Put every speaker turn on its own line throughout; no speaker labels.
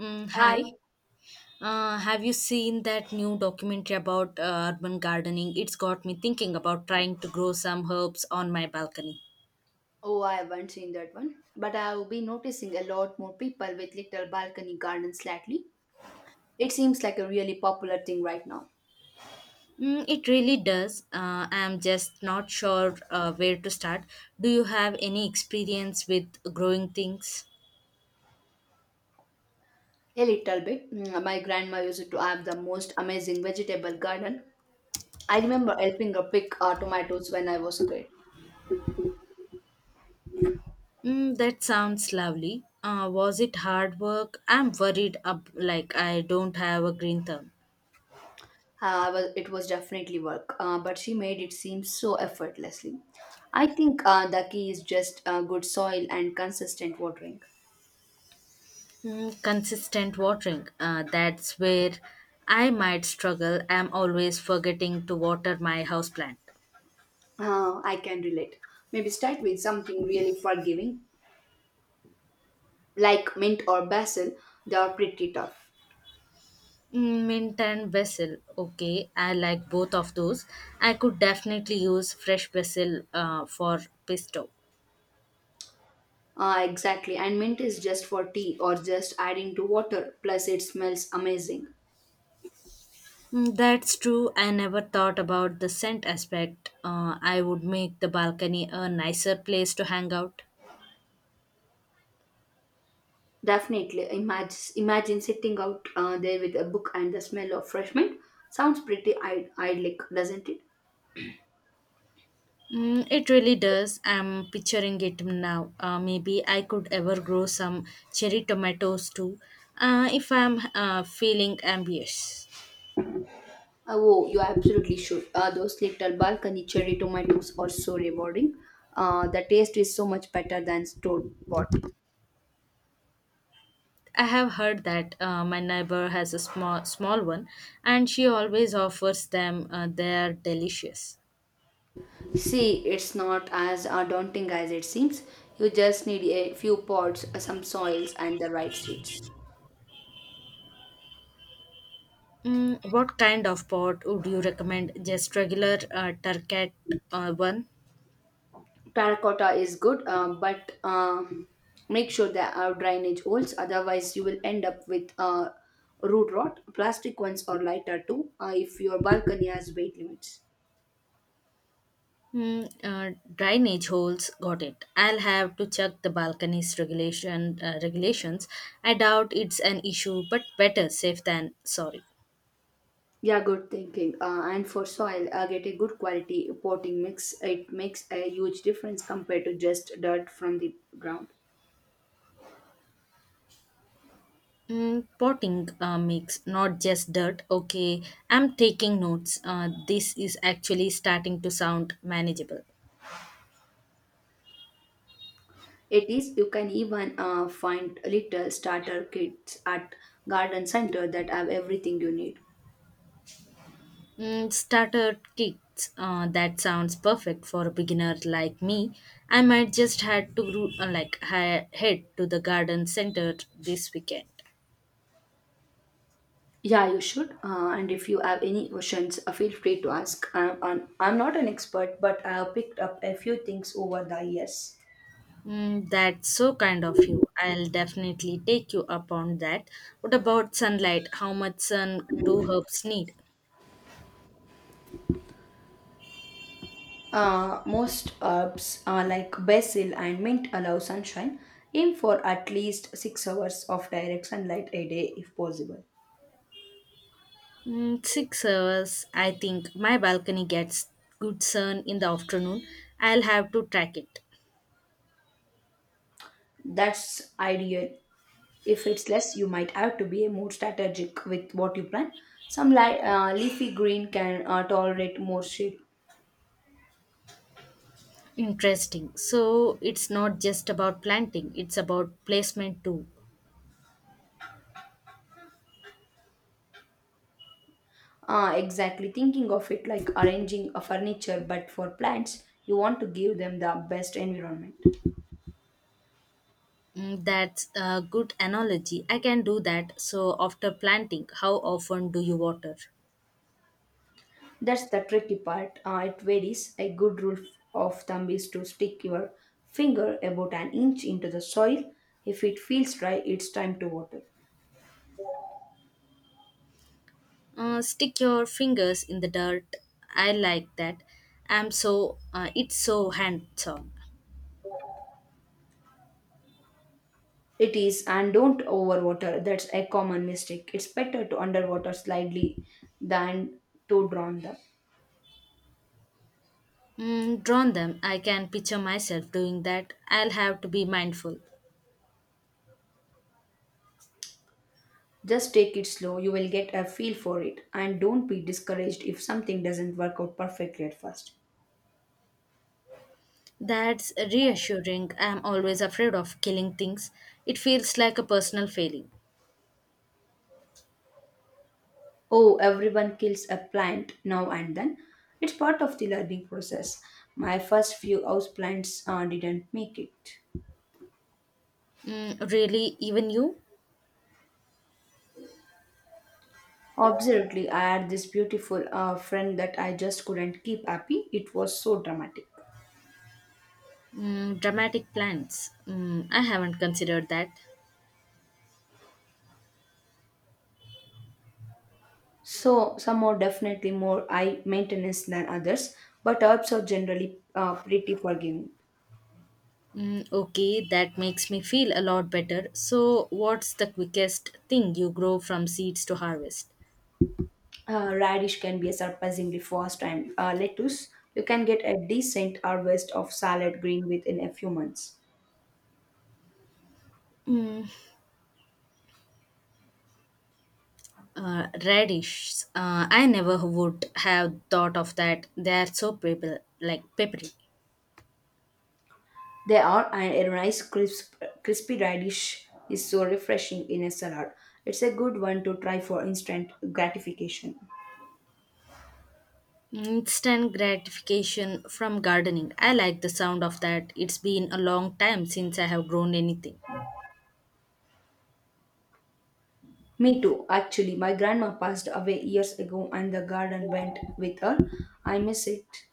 I
Hi. Have you seen that new documentary about urban gardening? It's got me thinking about trying to grow some herbs on my balcony.
Oh, I haven't seen that one, but I've been noticing a lot more people with little balcony gardens lately. It seems like a really popular thing right now.
Mm, it really does. I'm just not sure where to start. Do you have any experience with growing things?
A little bit. Mm, my grandma used to have the most amazing vegetable garden. I remember helping her pick tomatoes when I was a kid.
Mm, that sounds lovely. Was it hard work? I'm worried, like I don't have a green thumb.
It was definitely work, but she made it seem so effortlessly. I think the key is just good soil and consistent watering.
Mm, consistent watering. That's where I might struggle. I'm always forgetting to water my houseplant.
I can relate. Maybe start with something really forgiving like mint or basil, they are pretty tough.
Mm, mint and basil. Okay, I like both of those. I could definitely use fresh basil for pesto.
Ah, exactly. And mint is just for tea or just adding to water. Plus, it smells amazing.
Mm, that's true. I never thought about the scent aspect. I would make the balcony a nicer place to hang out.
Definitely. Imagine sitting out there with a book and the smell of fresh mint. Sounds pretty idyllic, doesn't it?
Mm, it really does. I'm picturing it now. Maybe I could ever grow some cherry tomatoes too, if I'm feeling ambitious.
Oh, you absolutely should. Those little balcony cherry tomatoes are so rewarding. The taste is so much better than store bought.
I have heard that my neighbor has a small one, and she always offers them. They're delicious.
See, it's not as daunting as it seems. You just need a few pots, some soils, and the right seeds.
Mm, what kind of pot would you recommend? Just regular turkey one?
Terracotta is good, but make sure there are drainage holes, otherwise, you will end up with root rot. Plastic ones are lighter too if your balcony has weight limits.
Hmm, drainage holes, got it. I'll have to check the balcony's regulations. I doubt it's an issue, but better safe than sorry.
Yeah, good thinking. And for soil, get a good quality potting mix. It makes a huge difference compared to just dirt from the ground.
Mm, potting mix, not just dirt. Okay, I'm taking notes. This is actually starting to sound manageable.
It is, you can even find little starter kits at garden center that have everything you need.
Mm, starter kits. That sounds perfect for a beginner like me. I might just had to like head to the garden center this weekend.
Yeah, you should. And if you have any questions, feel free to ask. I'm not an expert, but I have picked up a few things over the years.
Mm, that's so kind of you. I'll definitely take you up on that. What about sunlight? How much sun do herbs need?
Most herbs like basil and mint allow sunshine. Aim for at least 6 hours of direct sunlight a day if possible.
Mm, 6 hours, I think. My balcony gets good sun in the afternoon. I'll have to track it.
That's ideal. If it's less, you might have to be more strategic with what you plant. Some leafy green can tolerate more shade.
Interesting. So it's not just about planting, it's about placement too.
Exactly, thinking of it like arranging a furniture, but for plants, you want to give them the best environment.
Mm, that's a good analogy. I can do that. So after planting, how often do you water?
That's the tricky part. It varies. A good of thumb is to stick your finger about an inch into the soil. If it feels dry, it's time to water.
Stick your fingers in the dirt. I like that. I'm so It's so handsome.
It is, and don't overwater. That's a common mistake. It's better to underwater slightly than to drown them.
Mm, drawn them. I can picture myself doing that. I'll have to be mindful.
Just take it slow, you will get a feel for it, and don't be discouraged if something doesn't work out perfectly at first.
That's reassuring. I'm always afraid of killing things. It feels like a personal failing.
Oh, everyone kills a plant now and then. It's part of the learning process. My first few houseplants didn't make it.
Mm, really, even you?
Absolutely, I had this beautiful friend that I just couldn't keep happy. It was so dramatic.
Mm, dramatic plans. Mm, I haven't considered that.
So some are definitely more high maintenance than others, but herbs are generally pretty forgiving.
Mm, okay, that makes me feel a lot better. So, what's the quickest thing you grow from seeds to harvest?
Radish can be surprisingly fast, and lettuce you can get a decent harvest of salad green within a few months.
Radish. I never would have thought of that. They are so like peppery.
They are, and a crispy radish is so refreshing in a salad. It's a good one to try for instant gratification.
Instant gratification from gardening. I like the sound of that. It's been a long time since I have grown anything.
Me too, actually. My grandma passed away years ago, and the garden went with her. I miss it.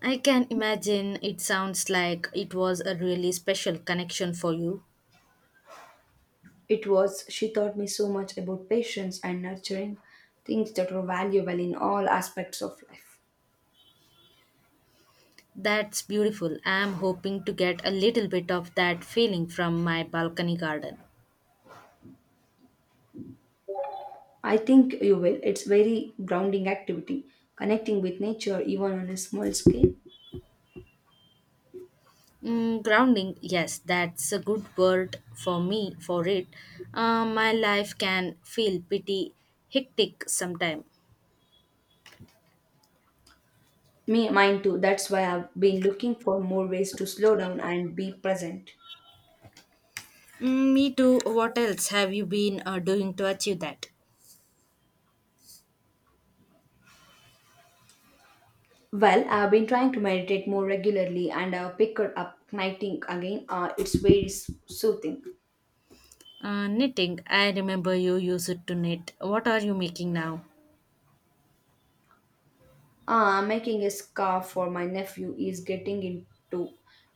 I can imagine, it sounds like it was a really special connection for you.
It was, she taught me so much about patience and nurturing, things that were valuable in all aspects of life.
That's beautiful. I am hoping to get a little bit of that feeling from my balcony garden.
I think you will. It's very grounding activity, connecting with nature even on a small scale.
Mm, grounding, yes, that's a good word for me for it. My life can feel pretty hectic sometime.
Mine too. That's why I've been looking for more ways to slow down and be present.
Mm, me too. What else have you been doing to achieve that?
Well, I've been trying to meditate more regularly and I've picked up knitting again. It's very soothing.
Knitting, I remember you used to knit. What are you making now?
Ah, making a scarf for my nephew, is getting into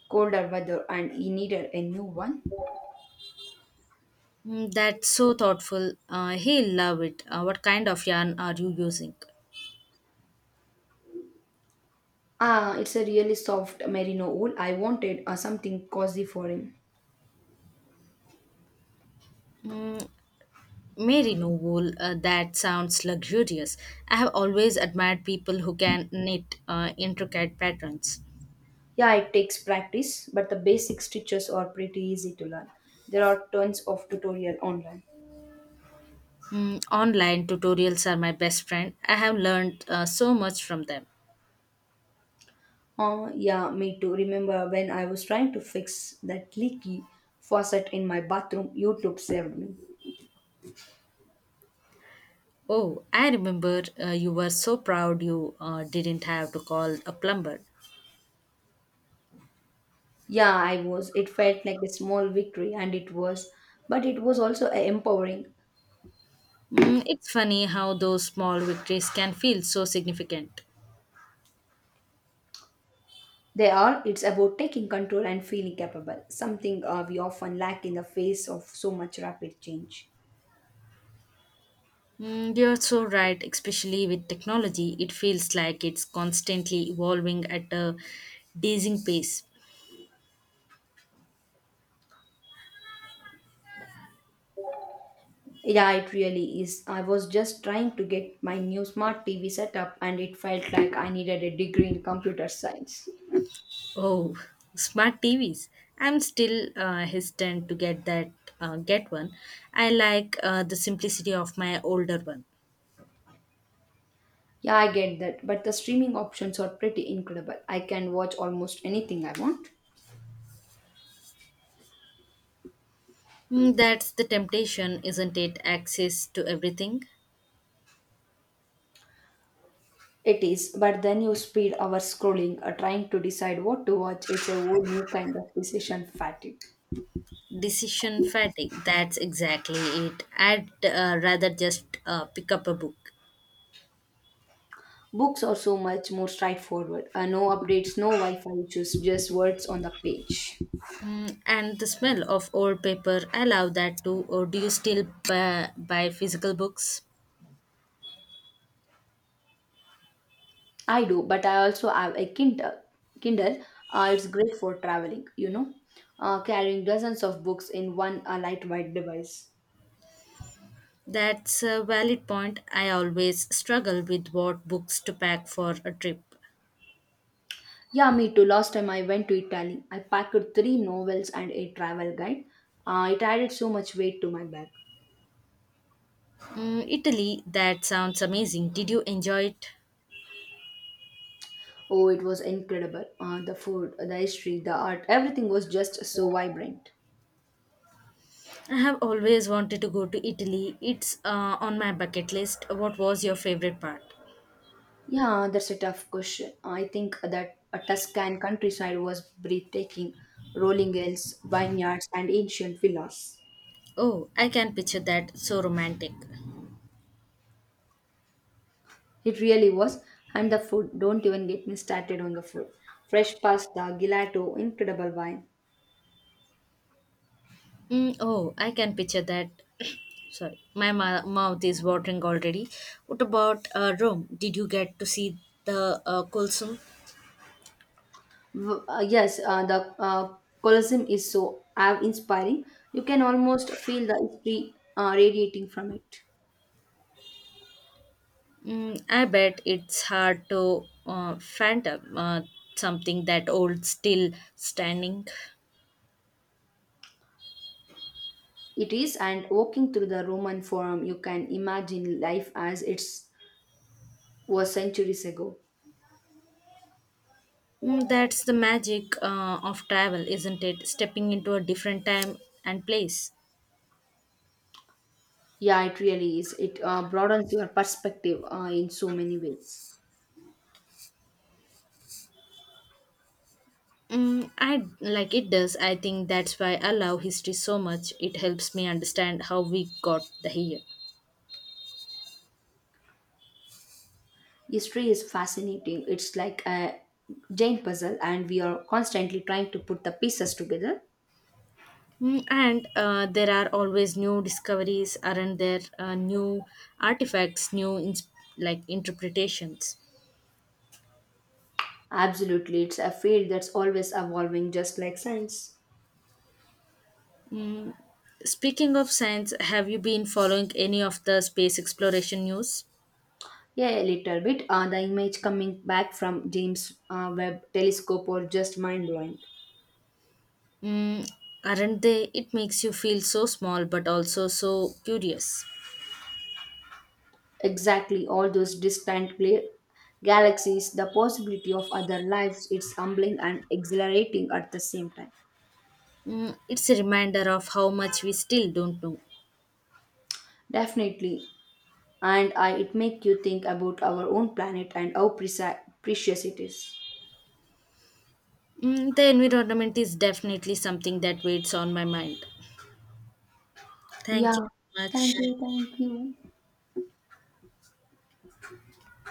colder weather and he needed a new one.
Mm, that's so thoughtful. He'll love it. What kind of yarn are you using?
Ah, it's a really soft merino wool. I wanted something cozy for him.
Mm, merino wool, that sounds luxurious. I have always admired people who can knit intricate patterns.
Yeah, it takes practice, but the basic stitches are pretty easy to learn. There are tons of tutorial online.
Mm, online tutorials are my best friend. I have learned so much from them.
Oh, yeah, me too. Remember when I was trying to fix that leaky faucet in my bathroom, YouTube saved me.
Oh, I remember you were so proud you didn't have to call a plumber.
Yeah, I was. It felt like a small victory, and it was. But it was also empowering.
Mm, it's funny how those small victories can feel so significant.
They are, it's about taking control and feeling capable, something we often lack in the face of so much rapid change.
Mm, you're so right, especially with technology. It feels like it's constantly evolving at a dizzying pace.
Yeah, it really is. I was just trying to get my new smart TV set up, and it felt like I needed a degree in computer science.
Oh, smart TVs. I'm still hesitant to get one. I like the simplicity of my older one.
Yeah, I get that, but the streaming options are pretty incredible. I can watch almost anything I want.
Mm, that's the temptation, isn't it? Access to everything.
It is, but then you speed our scrolling, trying to decide what to watch. It's a whole new kind of decision fatigue.
Decision fatigue. That's exactly it. I'd rather just pick up a book.
Books are so much more straightforward. No updates, no Wi-Fi issues, just words on the page.
Mm, and the smell of old paper. I love that too. Or do you still buy physical books?
I do, but I also have a Kindle. Kindle, it's great for traveling. You know, carrying dozens of books in one lightweight device.
That's a valid point. I always struggle with what books to pack for a trip.
Yeah, me too. Last time I went to Italy, I packed three novels and a travel guide. It added so much weight to my bag.
Mm, Italy, that sounds amazing. Did you enjoy it?
Oh, it was incredible. The food, the history, the art, everything was just so vibrant.
I have always wanted to go to Italy. It's on my bucket list. What was your favorite part?
Yeah, that's a tough question. I think that a Tuscan countryside was breathtaking, rolling hills, vineyards, and ancient villas.
Oh, I can picture that. So romantic.
It really was. And the food, don't even get me started on the food. Fresh pasta, gelato, incredible wine.
Mm, oh, I can picture that. Sorry, my mouth is watering already. What about Rome? Did you get to see the Colosseum?
Yes, the Colosseum is so awe inspiring. You can almost feel the history radiating from it.
Mm, I bet it's hard to phantom something that old, still standing.
It is, and walking through the Roman Forum, you can imagine life as it was centuries ago.
Mm, that's the magic of travel, isn't it? Stepping into a different time and place.
Yeah, it really is. It broadens your perspective in so many ways.
Mm, I like it does. I think that's why I love history so much. It helps me understand how we got the here.
History is fascinating. It's like a giant puzzle, and we are constantly trying to put the pieces together.
Mm, and there are always new discoveries, aren't there? New artifacts, like interpretations.
Absolutely, it's a field that's always evolving, just like science.
Speaking of science, have you been following any of the space exploration news?
Yeah, a little bit. The image coming back from James Webb Telescope or just mind blowing.
Mm, aren't they? It makes you feel so small but also so curious.
Exactly, all those galaxies, the possibility of other lives, it's humbling and exhilarating at the same time.
Mm, it's a reminder of how much we still don't know.
Definitely, and I, it make you think about our own planet and how precious it is.
Mm, the environment is definitely something that weighs on my mind. Thank you
Yeah,
so much.
thank you.